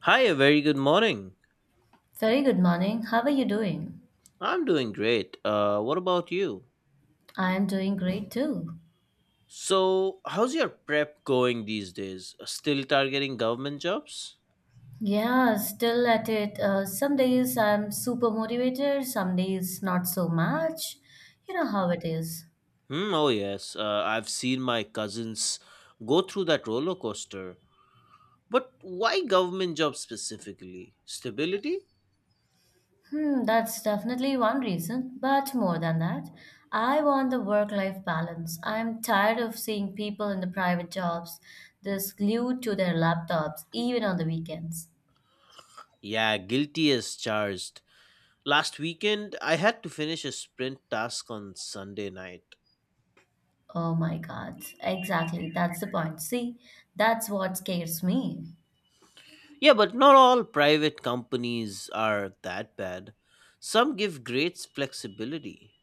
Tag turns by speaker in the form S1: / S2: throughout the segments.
S1: Hi, a very good morning.
S2: Very good morning. How are you doing?
S1: I'm doing great. What about you?
S2: I am doing great too.
S1: So, how's your prep going these days? Still targeting government jobs?
S2: Yeah, still at it. Some days I'm super motivated, some days not so much. You know how it is.
S1: Hmm, oh, yes. I've seen my cousins go through that roller coaster. But why government jobs specifically? Stability?
S2: Hmm, that's definitely one reason, but more than that, I want the work-life balance. I'm tired of seeing people in the private jobs this glued to their laptops, even on the weekends.
S1: Yeah, guilty as charged. Last weekend, I had to finish a sprint task on Sunday night.
S2: Oh my God, exactly. That's the point. See, that's what scares me.
S1: Yeah, but not all private companies are that bad. Some give great flexibility.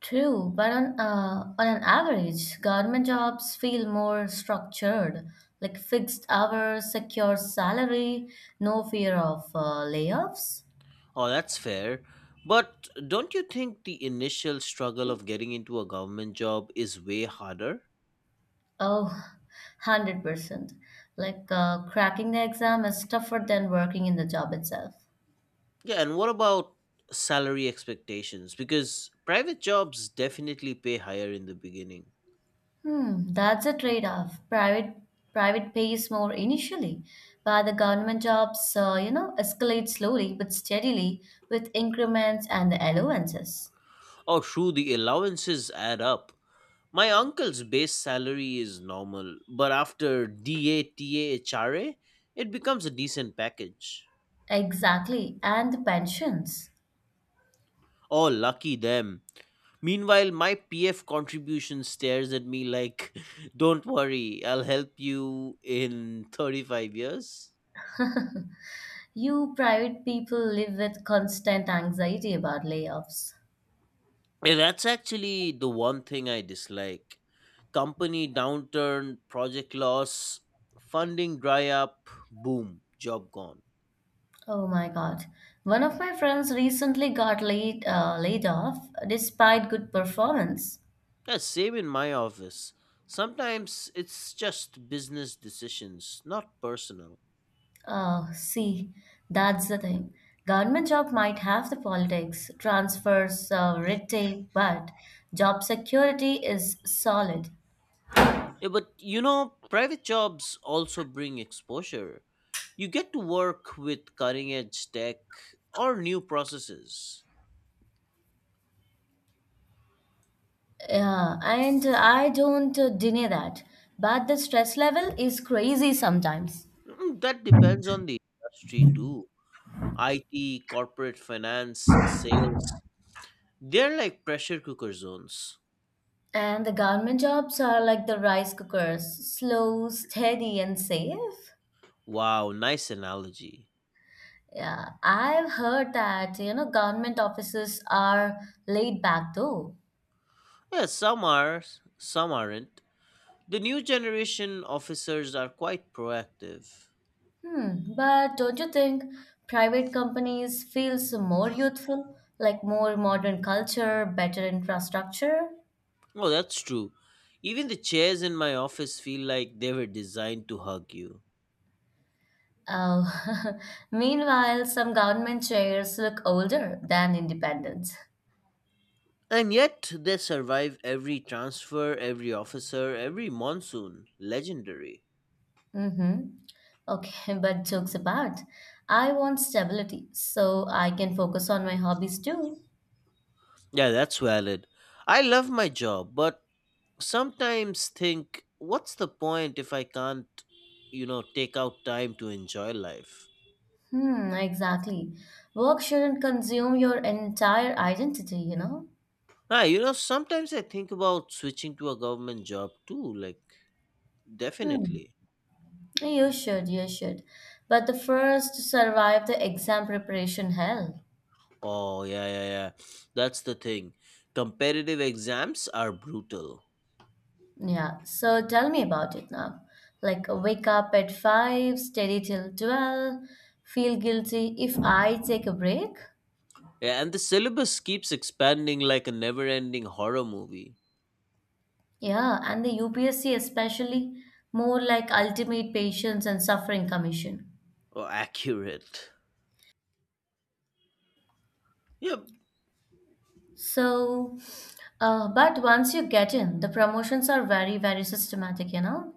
S2: True, but on an average, government jobs feel more structured, like fixed hours, secure salary, no fear of layoffs.
S1: Oh, that's fair. But don't you think the initial struggle of getting into a government job is way harder?
S2: Oh, 100%. Like cracking the exam is tougher than working in the job itself.
S1: Yeah, and what about salary expectations? Because private jobs definitely pay higher in the beginning.
S2: Hmm, that's a trade-off. Private pays more initially, but the government jobs, escalate slowly but steadily with increments and the allowances.
S1: Oh, true, the allowances add up. My uncle's base salary is normal, but after DA TA HRA, it becomes a decent package.
S2: Exactly, and the pensions.
S1: Oh, lucky them. Meanwhile, my PF contribution stares at me like, don't worry, I'll help you in 35 years.
S2: You private people live with constant anxiety about layoffs.
S1: Yeah, that's actually the one thing I dislike. Company downturn, project loss, funding dry up, boom, job gone.
S2: Oh my God. One of my friends recently got laid off despite good performance.
S1: Yeah, same in my office. Sometimes it's just business decisions, not personal.
S2: See, that's the thing. Government job might have the politics, transfers, red tape, but job security is solid.
S1: Yeah, but you know, private jobs also bring exposure. You get to work with cutting edge tech or new processes.
S2: Yeah, and I don't deny that. But the stress level is crazy sometimes.
S1: Mm. That depends on the industry too. IT, corporate finance, sales, they're like pressure cooker zones.
S2: And the government jobs are like the rice cookers, slow, steady, and safe.
S1: Wow, nice analogy.
S2: Yeah, I've heard that, government offices are laid back though.
S1: Yeah, some are, some aren't. The new generation officers are quite proactive.
S2: Hmm, but don't you think private companies feels more youthful, like more modern culture, better infrastructure?
S1: Oh, that's true. Even the chairs in my office feel like they were designed to hug you.
S2: Oh, meanwhile, some government chairs look older than independents.
S1: And yet, they survive every transfer, every officer, every monsoon. Legendary.
S2: Mm-hmm. Okay, but jokes apart, I want stability so I can focus on my hobbies too.
S1: Yeah, that's valid. I love my job, but sometimes think, what's the point if I can't, take out time to enjoy life?
S2: Hmm, exactly. Work shouldn't consume your entire identity, you know?
S1: Ah, sometimes I think about switching to a government job too, like,
S2: Hmm,
S1: definitely.
S2: you should, you should. But the first to survive the exam preparation hell.
S1: Oh, yeah, yeah, yeah. That's the thing. Competitive exams are brutal.
S2: Yeah, so tell me about it now. Like, wake up at 5, study till 12, feel guilty if I take a break?
S1: Yeah, and the syllabus keeps expanding like a never ending horror movie.
S2: Yeah, and the UPSC especially more like ultimate patience and suffering commission.
S1: Or accurate. Yeah,
S2: So, but once you get in, the promotions are very, very systematic, you know?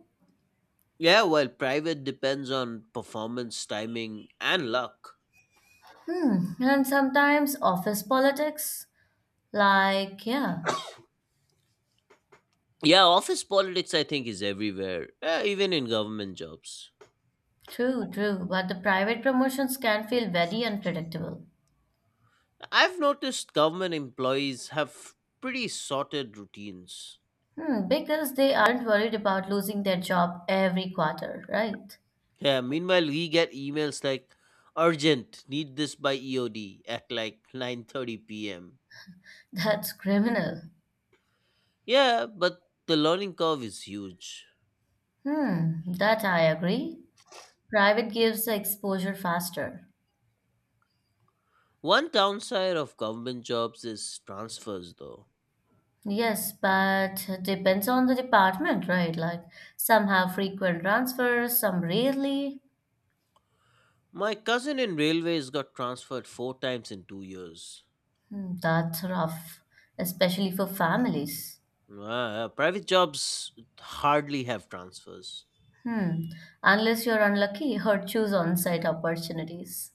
S1: yeah, while private depends on performance, timing, and luck.
S2: Hmm. And sometimes office politics, like, yeah,
S1: Yeah, office politics, I think, is everywhere, even in government jobs.
S2: true, true. But the private promotions can feel very unpredictable.
S1: I've noticed government employees have pretty sorted routines.
S2: Hmm, because they aren't worried about losing their job every quarter, right?
S1: Yeah, meanwhile we get emails like urgent, need this by EOD at like 9:30 p.m.
S2: That's criminal.
S1: Yeah, but the learning curve is huge.
S2: Hmm, that I agree. Private gives the exposure faster.
S1: One downside of government jobs is transfers though.
S2: Yes, but depends on the department, right? Like some have frequent transfers, some rarely.
S1: My cousin in railways got transferred 4 times in 2 years.
S2: Hmm, that's rough, especially for families.
S1: Private jobs hardly have transfers.
S2: Hmm. Unless you're unlucky or choose on-site opportunities.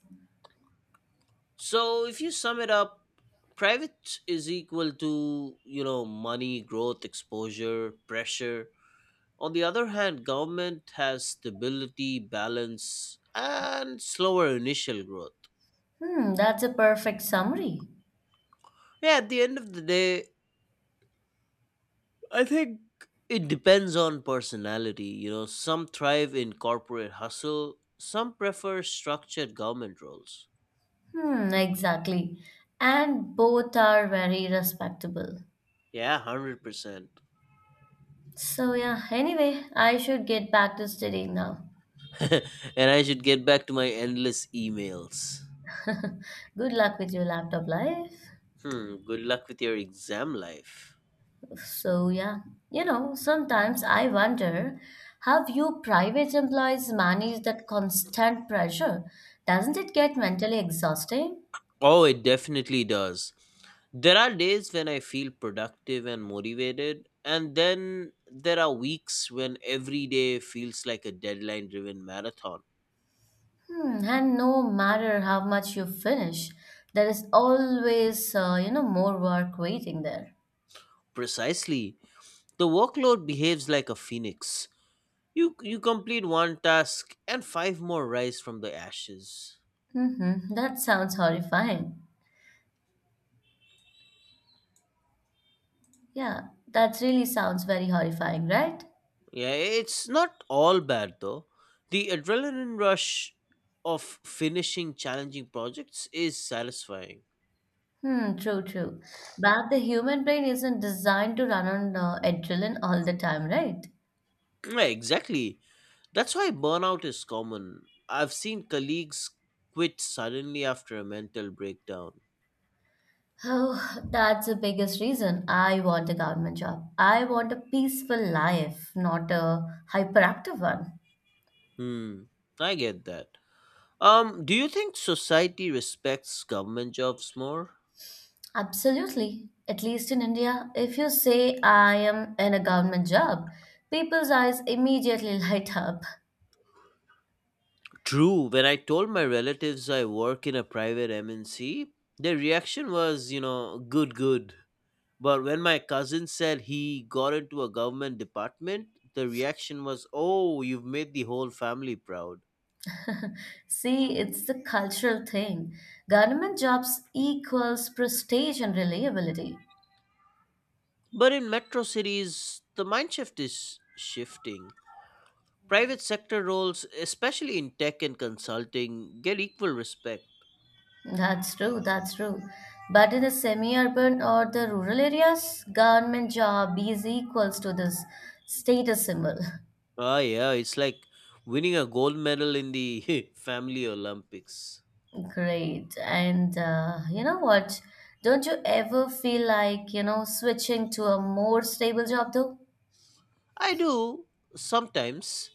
S1: So if you sum it up, private is equal to, money, growth, exposure, pressure. On the other hand, government has stability, balance, and slower initial growth.
S2: Hmm, that's a perfect summary.
S1: Yeah, at the end of the day, I think it depends on personality. Some thrive in corporate hustle, some prefer structured government roles.
S2: Hmm, exactly. And both are very respectable.
S1: Yeah, 100%.
S2: So yeah, anyway, I should get back to studying now.
S1: And I should get back to my endless emails.
S2: Good luck with your laptop life.
S1: Hmm, good luck with your exam life.
S2: So, yeah, sometimes I wonder how you private employees manage that constant pressure? Doesn't it get mentally exhausting?
S1: Oh, it definitely does. There are days when I feel productive and motivated, and then there are weeks when every day feels like a deadline driven marathon.
S2: Hmm, and no matter how much you finish, there is always, more work waiting there.
S1: Precisely. The workload behaves like a phoenix. You complete one task and five more rise from the ashes.
S2: Mm-hmm, that sounds horrifying. Yeah, that really sounds very horrifying, right?
S1: Yeah, it's not all bad though. The adrenaline rush of finishing challenging projects is satisfying.
S2: Hmm, true, true. But the human brain isn't designed to run on adrenaline all the time, right?
S1: Yeah, exactly. That's why burnout is common. I've seen colleagues quit suddenly after a mental breakdown.
S2: Oh, that's the biggest reason I want a government job. I want a peaceful life, not a hyperactive one.
S1: Hmm, I get that. Do you think society respects government jobs more?
S2: Absolutely. At least in India, if you say I am in a government job, people's eyes immediately light up.
S1: True, when I told my relatives I work in a private MNC, their reaction was, good, good. But when my cousin said he got into a government department, the reaction was, oh, you've made the whole family proud.
S2: See, it's the cultural thing. Government jobs equals prestige and reliability.
S1: But in metro cities, the mind shift is shifting. Private sector roles, especially in tech and consulting, get equal respect.
S2: That's true, that's true. But in the semi-urban or the rural areas, government job is equals to this status symbol.
S1: Ah, yeah, it's like winning a gold medal in the family Olympics.
S2: Great. And you know what? Don't you ever feel like, switching to a more stable job though?
S1: I do sometimes,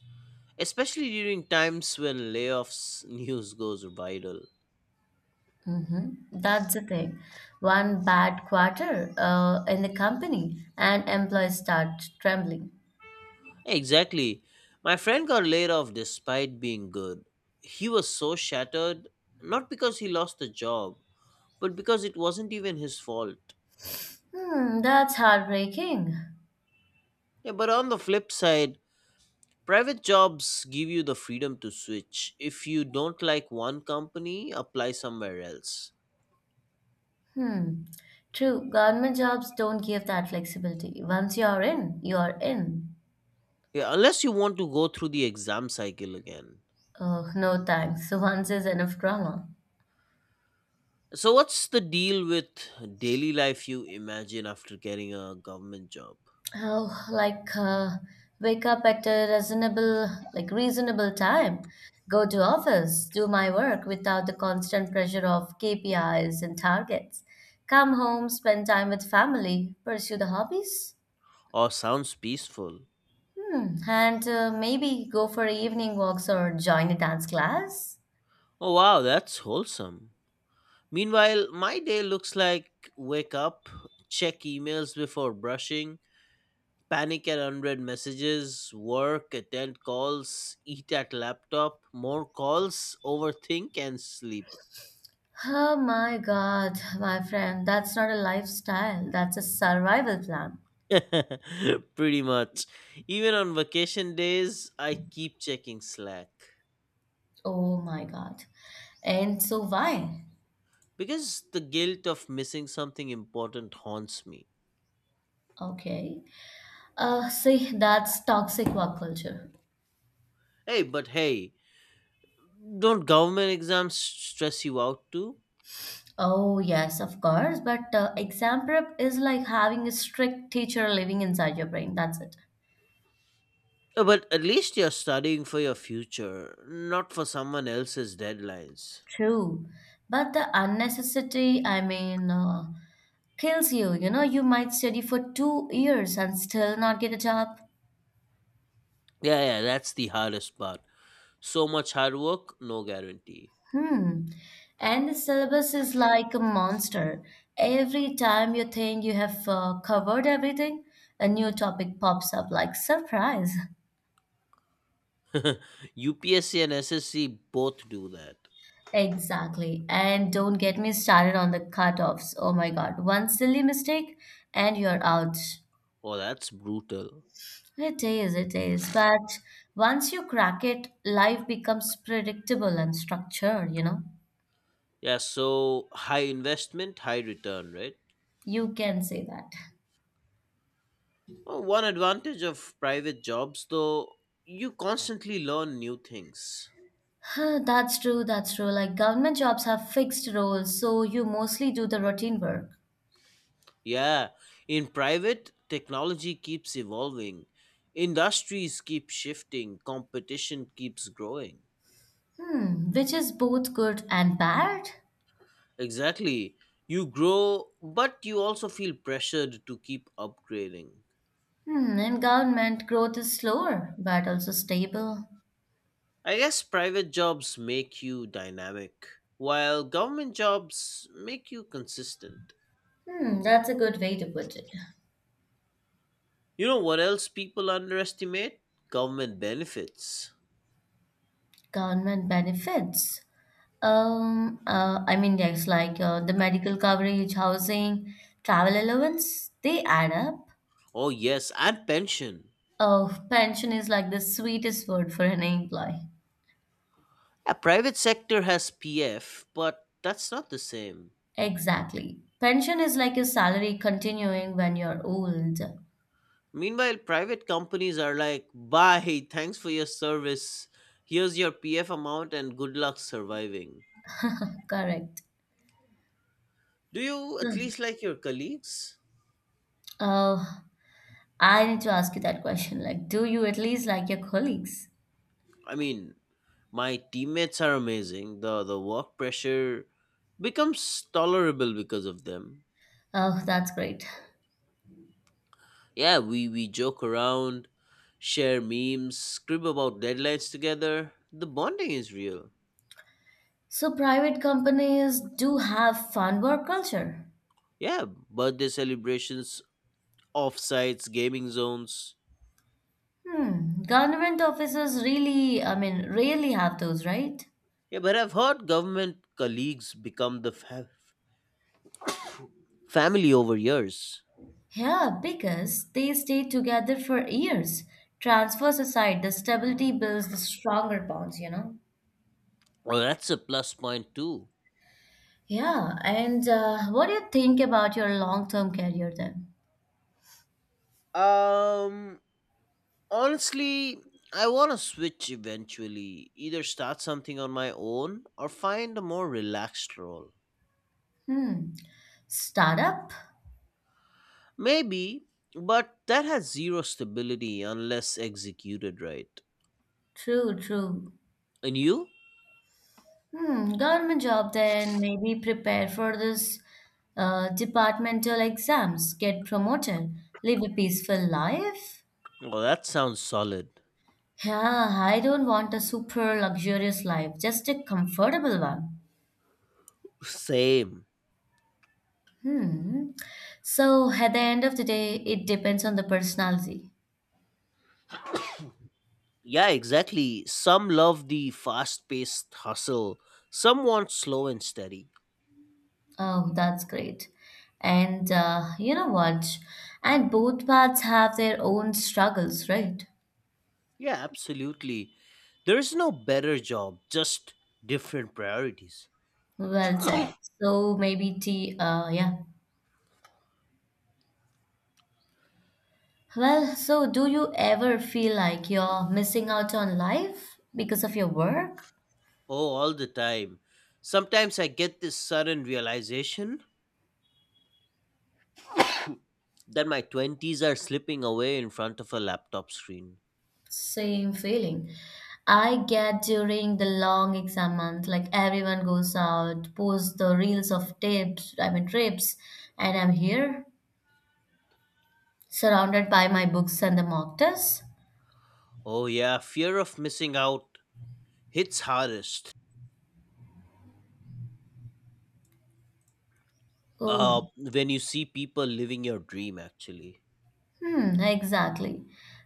S1: especially during times when layoffs news goes viral.
S2: Mm-hmm. That's the thing. One bad quarter in the company and employees start trembling.
S1: Exactly. My friend got laid off despite being good. He was so shattered, not because he lost the job, but because it wasn't even his fault.
S2: Hmm, that's heartbreaking.
S1: Yeah, but on the flip side, private jobs give you the freedom to switch. If you don't like one company, apply somewhere else.
S2: Hmm. True. Government jobs don't give that flexibility. Once you're in, you're in.
S1: Yeah, unless you want to go through the exam cycle again.
S2: Oh, no thanks. Once is enough drama.
S1: So, what's the deal with daily life you imagine after getting a government job?
S2: Oh, like wake up at a reasonable time, go to office, do my work without the constant pressure of KPIs and targets. Come home, spend time with family, pursue the hobbies.
S1: Oh, sounds peaceful.
S2: Hmm. And maybe go for evening walks or join a dance class.
S1: Oh, wow, that's wholesome. Meanwhile, my day looks like wake up, check emails before brushing, panic at unread messages, work, attend calls, eat at laptop, more calls, overthink, and sleep.
S2: Oh my God, my friend, that's not a lifestyle. That's a survival plan.
S1: Pretty much. Even on vacation days, I keep checking Slack
S2: Oh my God. And so why?
S1: because the guilt of missing something important haunts me.
S2: Okay. See, that's toxic work culture.
S1: Hey, but hey, don't government exams stress you out too?
S2: Oh, yes, of course. But exam prep is like having a strict teacher living inside your brain. That's it.
S1: But at least you're studying for your future, not for someone else's deadlines.
S2: True. But the unnecessity, I mean, kills you. You know, you might study for 2 years and still not get a job.
S1: Yeah, yeah, that's the hardest part. So much hard work, no guarantee.
S2: Hmm. And the syllabus is like a monster. Every time you think you have covered everything, a new topic pops up like surprise.
S1: UPSC and SSC both do that.
S2: Exactly. And don't get me started on the cutoffs. Oh my God. One silly mistake and you're out.
S1: Oh, that's brutal.
S2: It is, it is. But once you crack it, life becomes predictable and structured, you know?
S1: Yeah, so high investment, high return, right?
S2: You can say that.
S1: Oh, one advantage of private jobs, though, you constantly learn new things.
S2: Huh, that's true, that's true. Like government jobs have fixed roles, so you mostly do the routine work.
S1: Yeah, in private, technology keeps evolving, industries keep shifting, competition keeps growing.
S2: Hmm, which is both good and bad.
S1: Exactly. You grow, but you also feel pressured to keep upgrading.
S2: Hmm, in government, growth is slower, but also stable.
S1: I guess private jobs make you dynamic, while government jobs make you consistent.
S2: Hmm, that's a good way to put it.
S1: You know what else people underestimate? Government benefits.
S2: Government benefits. I mean, yes, like the medical coverage, housing, travel allowance, they add up.
S1: Oh, yes, and pension.
S2: Oh, pension is like the sweetest word for an employee.
S1: A private sector has PF, but that's not the same.
S2: Exactly. Pension is like your salary continuing when you're old.
S1: Meanwhile, private companies are like, bye, thanks for your service. Here's your PF amount and good luck surviving.
S2: Correct.
S1: Do you at
S2: Hmm.
S1: least like your colleagues?
S2: Oh, I need to ask you that question. Like, do you at least like your colleagues?
S1: I mean, my teammates are amazing. The work pressure becomes tolerable because of them.
S2: Oh, that's great.
S1: Yeah, we joke around, share memes, scribble about deadlines together. The bonding is real.
S2: So private companies do have fun work culture.
S1: Yeah, birthday celebrations, offsites, gaming zones.
S2: Hmm. Government offices really, I mean, rarely have those, right?
S1: Yeah, but I've heard government colleagues become the family over years.
S2: Yeah, because they stay together for years. Transfers aside, the stability builds the stronger bonds, you know?
S1: Well, that's a plus point too.
S2: Yeah, and what do you think about your long-term career then?
S1: Um, Honestly, I want to switch eventually, either start something on my own or find a more relaxed role.
S2: Hmm, startup?
S1: Maybe, but that has zero stability unless executed right.
S2: True, true.
S1: And you?
S2: Hmm, government job then, maybe prepare for this departmental exams, get promoted, live a peaceful life.
S1: Oh, that sounds solid.
S2: Yeah, I don't want a super luxurious life, just a comfortable one.
S1: Same.
S2: Hmm. So at the end of the day, it depends on the personality.
S1: Yeah, exactly. Some love the fast paced hustle, some want slow and steady.
S2: Oh, that's great. And you know what? And both paths have their own struggles, right?
S1: Yeah, absolutely. There is no better job, just different priorities.
S2: Well said. So maybe tea, yeah. Well, so do you ever feel like you're missing out on life because of your work?
S1: Oh, all the time. Sometimes I get this sudden realization that my 20s are slipping away in front of a laptop screen.
S2: Same feeling. I get during the long exam month, like everyone goes out, posts the reels of tips, I mean trips, and I'm here surrounded by my books and the mock tests.
S1: Oh, yeah, fear of missing out hits hardest
S2: Oh.
S1: when you see people living your dream, actually.
S2: Hmm, exactly.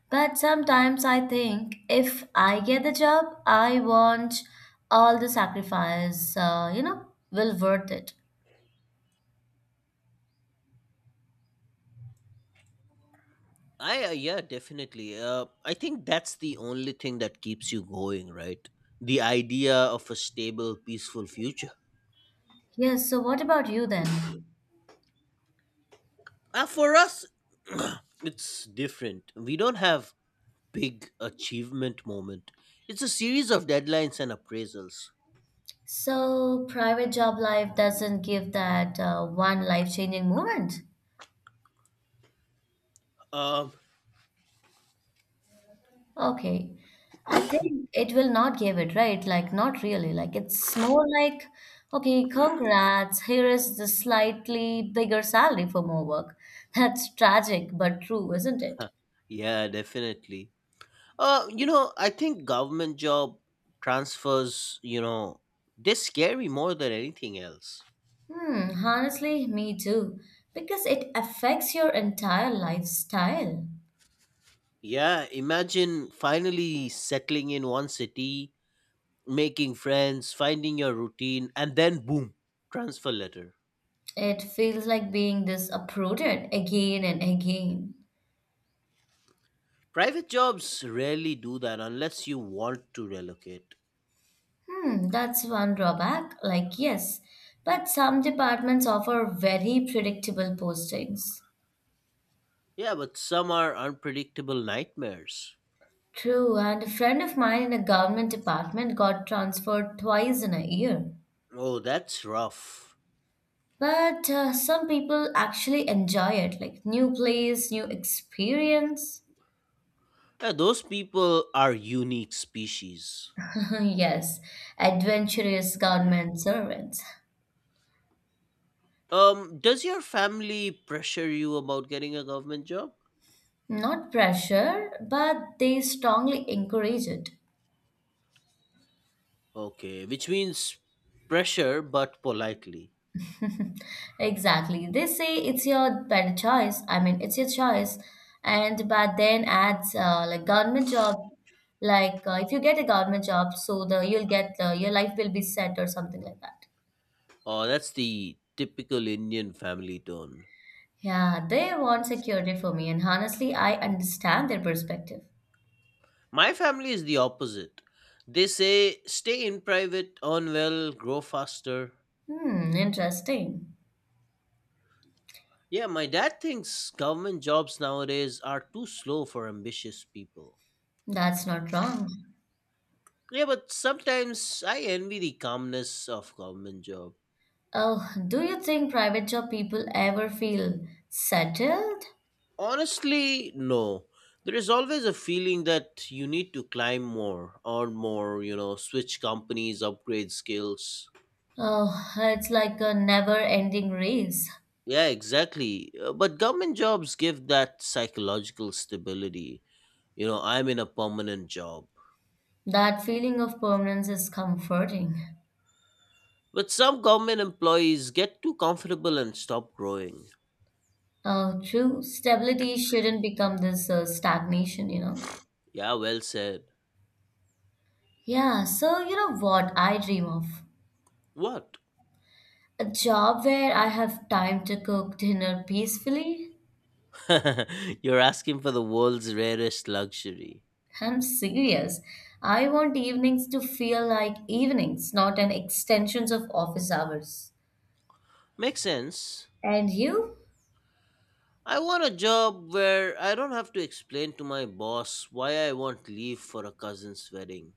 S2: But sometimes I think if I get the job, I want all the sacrifice, will worth it.
S1: Yeah, definitely. I think that's the only thing that keeps you going, right? The idea of a stable, peaceful future.
S2: Yes, so what about you then?
S1: For us, it's different. We don't have big achievement moment. It's a series of deadlines and appraisals.
S2: So private job life doesn't give that one life-changing moment.
S1: Um,
S2: Okay. I think it will not give it, right? Like, not really. Like, it's more like, okay, congrats. Here is the slightly bigger salary for more work. That's tragic, but true, isn't it?
S1: yeah, definitely. I think government job transfers, they scare me more than anything else.
S2: Hmm, honestly, me too. Because it affects your entire lifestyle.
S1: Yeah, imagine finally settling in one city, making friends, finding your routine, and then boom, transfer letter.
S2: It feels like being disappointed again and again.
S1: Private jobs rarely do that unless you want to relocate.
S2: Hmm, that's one drawback. Like, yes, but some departments offer very predictable postings.
S1: Yeah, but some are unpredictable nightmares.
S2: True, and a friend of mine in a government department got transferred twice in a year.
S1: Oh, that's rough.
S2: But some people actually enjoy it, like new place, new experience.
S1: Yeah, those people are unique species.
S2: Yes, adventurous government servants.
S1: Does your family pressure you about getting a government job?
S2: Not pressure, but they strongly encourage it.
S1: Okay, which means pressure but politely.
S2: Exactly. They say it's your better choice. I mean, it's your choice. And but then adds like government job, like if you get a government job, so the you'll get your life will be set or something like that.
S1: Oh, that's the typical Indian family tone.
S2: Yeah, they want security for me, and honestly, I understand their perspective.
S1: My family is the opposite. They say stay in private, earn well, grow faster.
S2: Hmm, interesting.
S1: Yeah, my dad thinks government jobs nowadays are too slow for ambitious people.
S2: That's not wrong.
S1: Yeah, but sometimes I envy the calmness of government job.
S2: Oh, do you think private job people ever feel settled?
S1: Honestly, no. There is always a feeling that you need to climb more, earn more, switch companies, upgrade skills.
S2: Oh, it's like a never-ending race.
S1: Yeah, exactly. But government jobs give that psychological stability. I'm in a permanent job.
S2: That feeling of permanence is comforting.
S1: But some government employees get too comfortable and stop growing.
S2: True stability shouldn't become this stagnation.
S1: Yeah, well said.
S2: Yeah, so you know what I dream of?
S1: What?
S2: A job where I have time to cook dinner peacefully.
S1: You're asking for the world's rarest luxury.
S2: I'm serious. I want evenings to feel like evenings, not an extensions of office hours.
S1: Makes sense.
S2: And you?
S1: I want a job where I don't have to explain to my boss why I want leave for a cousin's wedding.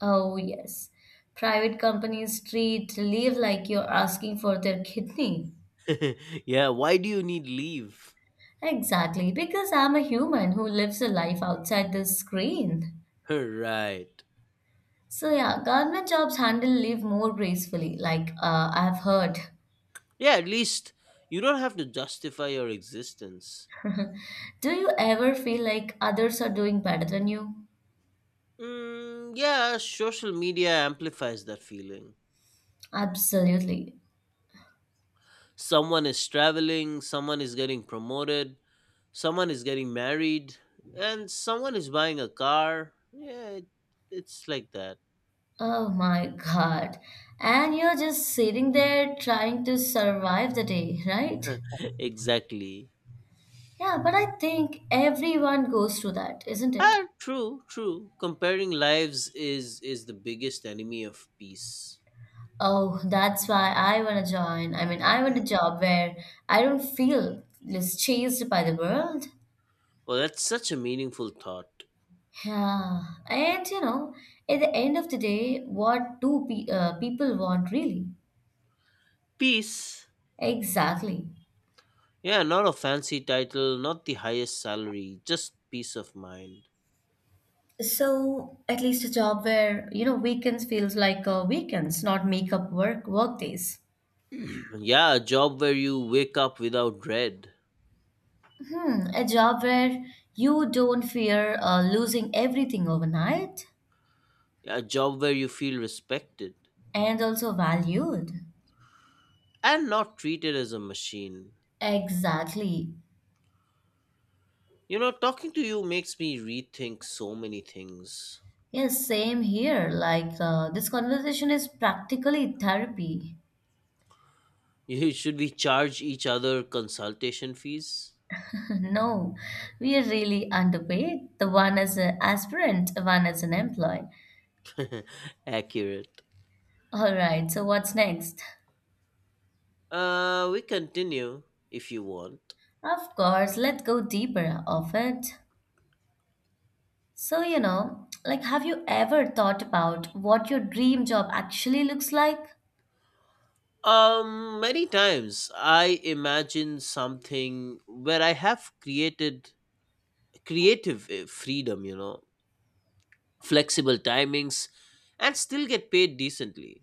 S2: Oh, yes. Private companies treat leave like you're asking for their kidney.
S1: Yeah, why do you need leave?
S2: Exactly, because I'm a human who lives a life outside the screen.
S1: Right.
S2: So yeah, government jobs handle leave more gracefully, like I've heard.
S1: Yeah, at least you don't have to justify your existence.
S2: Do you ever feel like others are doing better than you?
S1: Mm, yeah, social media amplifies that feeling.
S2: Absolutely.
S1: Someone is traveling, someone is getting promoted, someone is getting married, and someone is buying a car. Yeah, it's like that.
S2: Oh my God. And you're just sitting there trying to survive the day, right?
S1: Exactly.
S2: Yeah, but I think everyone goes through that, isn't it?
S1: Ah, true, true. Comparing lives is the biggest enemy of peace.
S2: Oh, that's why I want to join. I mean, I want a job where I don't feel just chased by the world.
S1: Well, that's such a meaningful thought.
S2: Yeah, and you know, at the end of the day, what do people want really?
S1: Peace.
S2: Exactly.
S1: Yeah, not a fancy title, not the highest salary, just peace of mind.
S2: So, at least a job where, weekends feels like weekends, not make up work days.
S1: Yeah, a job where you wake up without dread.
S2: Hmm, a job where you don't fear losing everything overnight
S1: Yeah, a job where you feel respected
S2: and also valued.
S1: and not treated as a machine.
S2: Exactly.
S1: Talking to you makes me rethink so many things.
S2: Yes, same here. Like, this conversation is practically therapy.
S1: Should we charge each other consultation fees?
S2: No, we are really underpaid. The one as an aspirant, one as an employee.
S1: Accurate.
S2: All right, so what's next?
S1: We continue if you want.
S2: Of course, let's go deeper of it. So, you know, like, have you ever thought about what your dream job actually looks like?
S1: Many times I imagine something where I have created creative eh, freedom, flexible timings, and still get paid decently.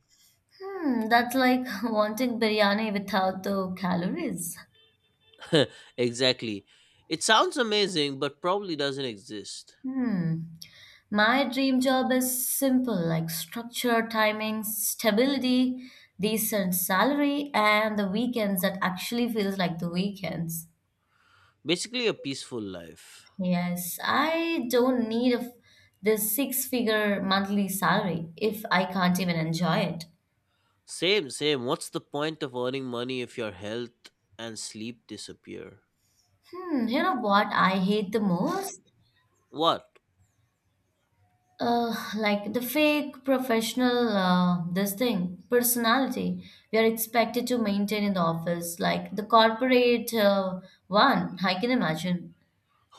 S2: Hmm, that's like wanting biryani without the calories.
S1: Exactly. It sounds amazing, but probably doesn't exist.
S2: Hmm. My dream job is simple like structure, timing, stability, decent salary, and the weekends that actually feels like the weekends.
S1: Basically, a peaceful life.
S2: Yes, I don't need a f this six-figure monthly salary if I can't even enjoy it.
S1: Same, same. What's the point of earning money if your health and sleep disappear?
S2: Hmm, you know what I hate the most?
S1: What?
S2: Like the fake professional this thing personality we are expected to maintain in the office, like the corporate one I can imagine.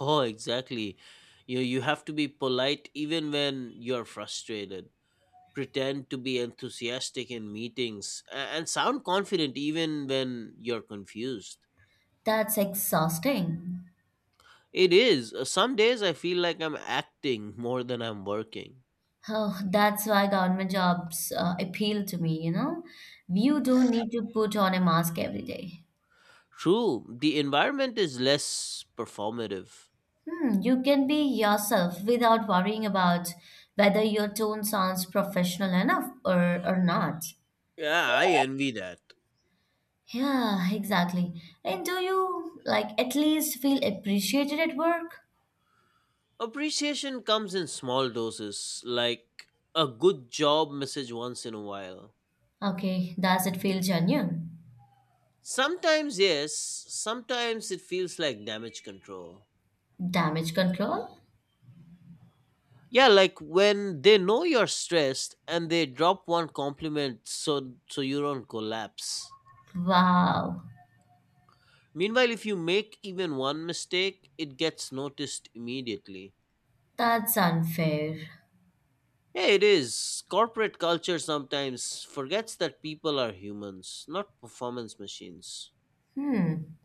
S1: Oh, exactly. You have to be polite even when you're frustrated. Pretend to be enthusiastic in meetings and sound confident even when you're confused.
S2: That's exhausting.
S1: It is. Some days I feel like I'm acting more than I'm working.
S2: Oh, that's why government jobs appeal to me, you know, you don't need to put on a mask every day.
S1: True, the environment is less performative.
S2: Hmm, you can be yourself without worrying about whether your tone sounds professional enough or not.
S1: Yeah, I envy that.
S2: Yeah, exactly. And do you, like, at least feel appreciated at work?
S1: Appreciation comes in small doses, like a good job message once in a while.
S2: Okay, does it feel genuine?
S1: Sometimes, yes. Sometimes it feels like damage control.
S2: Damage control?
S1: Yeah, like when they know you're stressed and they drop one compliment so you don't collapse.
S2: Wow,
S1: Meanwhile, if you make even one mistake, it gets noticed immediately.
S2: that's unfair.
S1: Yeah, it is. Corporate culture sometimes forgets that people are humans, not performance machines.
S2: Hmm.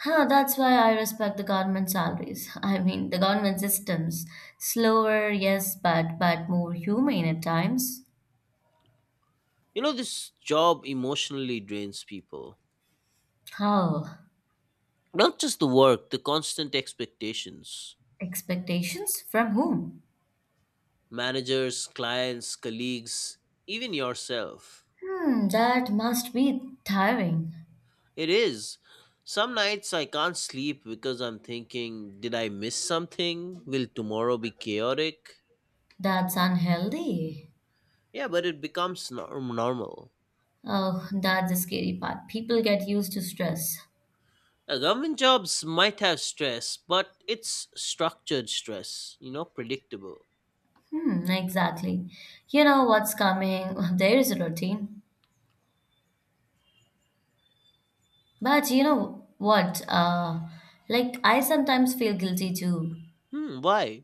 S2: Huh, that's why I respect the government salaries. I mean, the government systems. Slower, yes, but more humane at times.
S1: This job emotionally drains people.
S2: How?
S1: Not just the work, the constant expectations.
S2: Expectations from whom?
S1: Managers, clients, colleagues, even yourself.
S2: Hmm, that must be tiring.
S1: It is. Some nights I can't sleep because I'm thinking, did I miss something? Will tomorrow be chaotic?
S2: That's unhealthy.
S1: Yeah, but it becomes normal.
S2: Oh, that's the scary part. People get used to stress.
S1: Government jobs might have stress, but it's structured stress, predictable.
S2: Hmm, exactly. You know what's coming. There is a routine. But you know what? Like, I sometimes feel guilty too
S1: Hmm, why?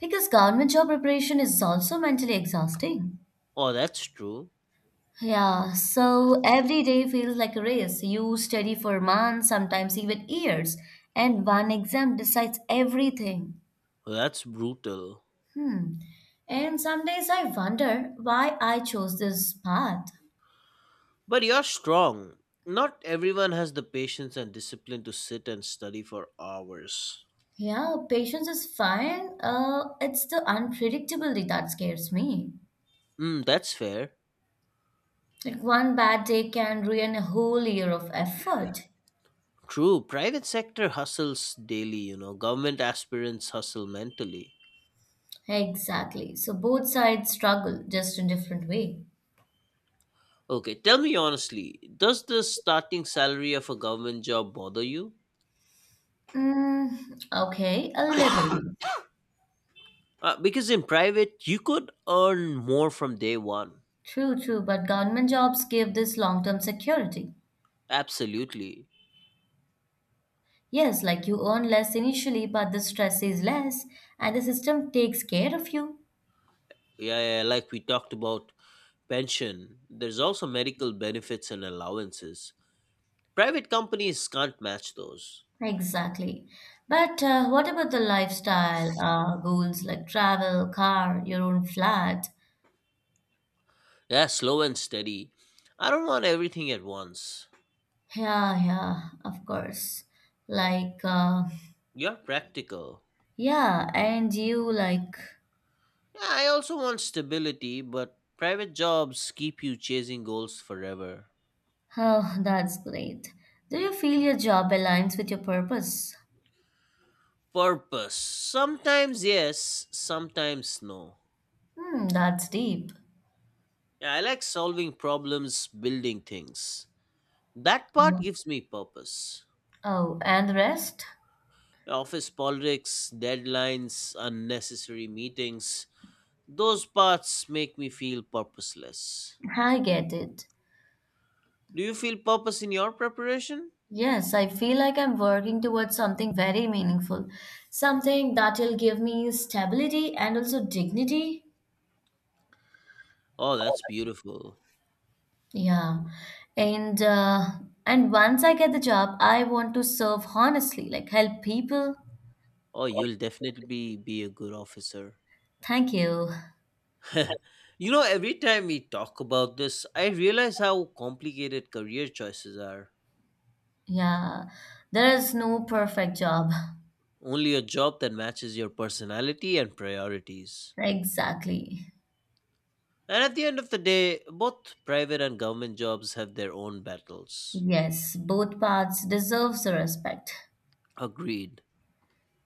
S2: because government job preparation is also mentally exhausting.
S1: Oh, that's true.
S2: Yeah, so every day feels like a race. You study for months, sometimes even years, and one exam decides everything.
S1: That's brutal.
S2: Hmm. And some days I wonder why I chose this path.
S1: But you're strong. Not everyone has the patience and discipline to sit and study for hours.
S2: Yeah, patience is fine. It's the unpredictability that scares me.
S1: Mm, that's fair.
S2: Like, one bad day can ruin a whole year of effort.
S1: True. Private sector hustles daily. Government aspirants hustle mentally.
S2: Exactly. So both sides struggle, just in different way.
S1: Okay, tell me honestly, does the starting salary of a government job bother you?
S2: Mm, okay, a little. Bit.
S1: Because in private, you could earn more from day one.
S2: True, true. But government jobs give this long-term security.
S1: Absolutely.
S2: Yes, like you earn less initially, but the stress is less, and the system takes care of you.
S1: Yeah, yeah, yeah, like we talked about pension, there's also medical benefits and allowances. Private companies can't match those.
S2: Exactly. But what about the lifestyle goals like travel, car, your own flat?
S1: Yeah, slow and steady. I don't want everything at once.
S2: Yeah, yeah, of course. Like,
S1: You're practical.
S2: yeah, and you like,
S1: Yeah, I also want stability, but private jobs keep you chasing goals forever.
S2: oh, that's great. Do you feel your job aligns with your purpose?
S1: Purpose. Sometimes yes, sometimes no.
S2: Hmm, that's deep.
S1: Yeah, I like solving problems, building things. That part
S2: Yeah.
S1: gives me purpose.
S2: Oh, and the rest?
S1: Office politics, deadlines, unnecessary meetings, those parts make me feel purposeless.
S2: I get it.
S1: Do you feel purpose in your preparation?
S2: Yes, I feel like I'm working towards something very meaningful, something that will give me stability and also dignity.
S1: Oh, that's beautiful.
S2: Yeah, and and once I get the job, I want to serve honestly, like help people.
S1: Oh, you'll definitely be a good officer.
S2: Thank you.
S1: Every time we talk about this, I realize how complicated career choices are.
S2: Yeah, there is no perfect job.
S1: Only a job that matches your personality and priorities.
S2: Exactly.
S1: And at the end of the day, both private and government jobs have their own battles.
S2: Yes, both paths deserves the respect.
S1: Agreed.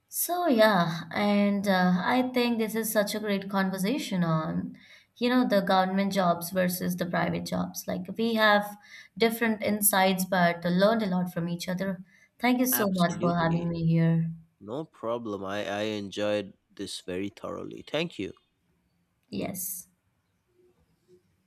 S2: So yeah, and I think this is such a great conversation on, you know, the government jobs versus the private jobs. Like, we have different insights, but learned a lot from each other. Thank you so much for having
S1: Absolutely.
S2: me here.
S1: No problem. I enjoyed this very thoroughly. Thank you.
S2: Yes.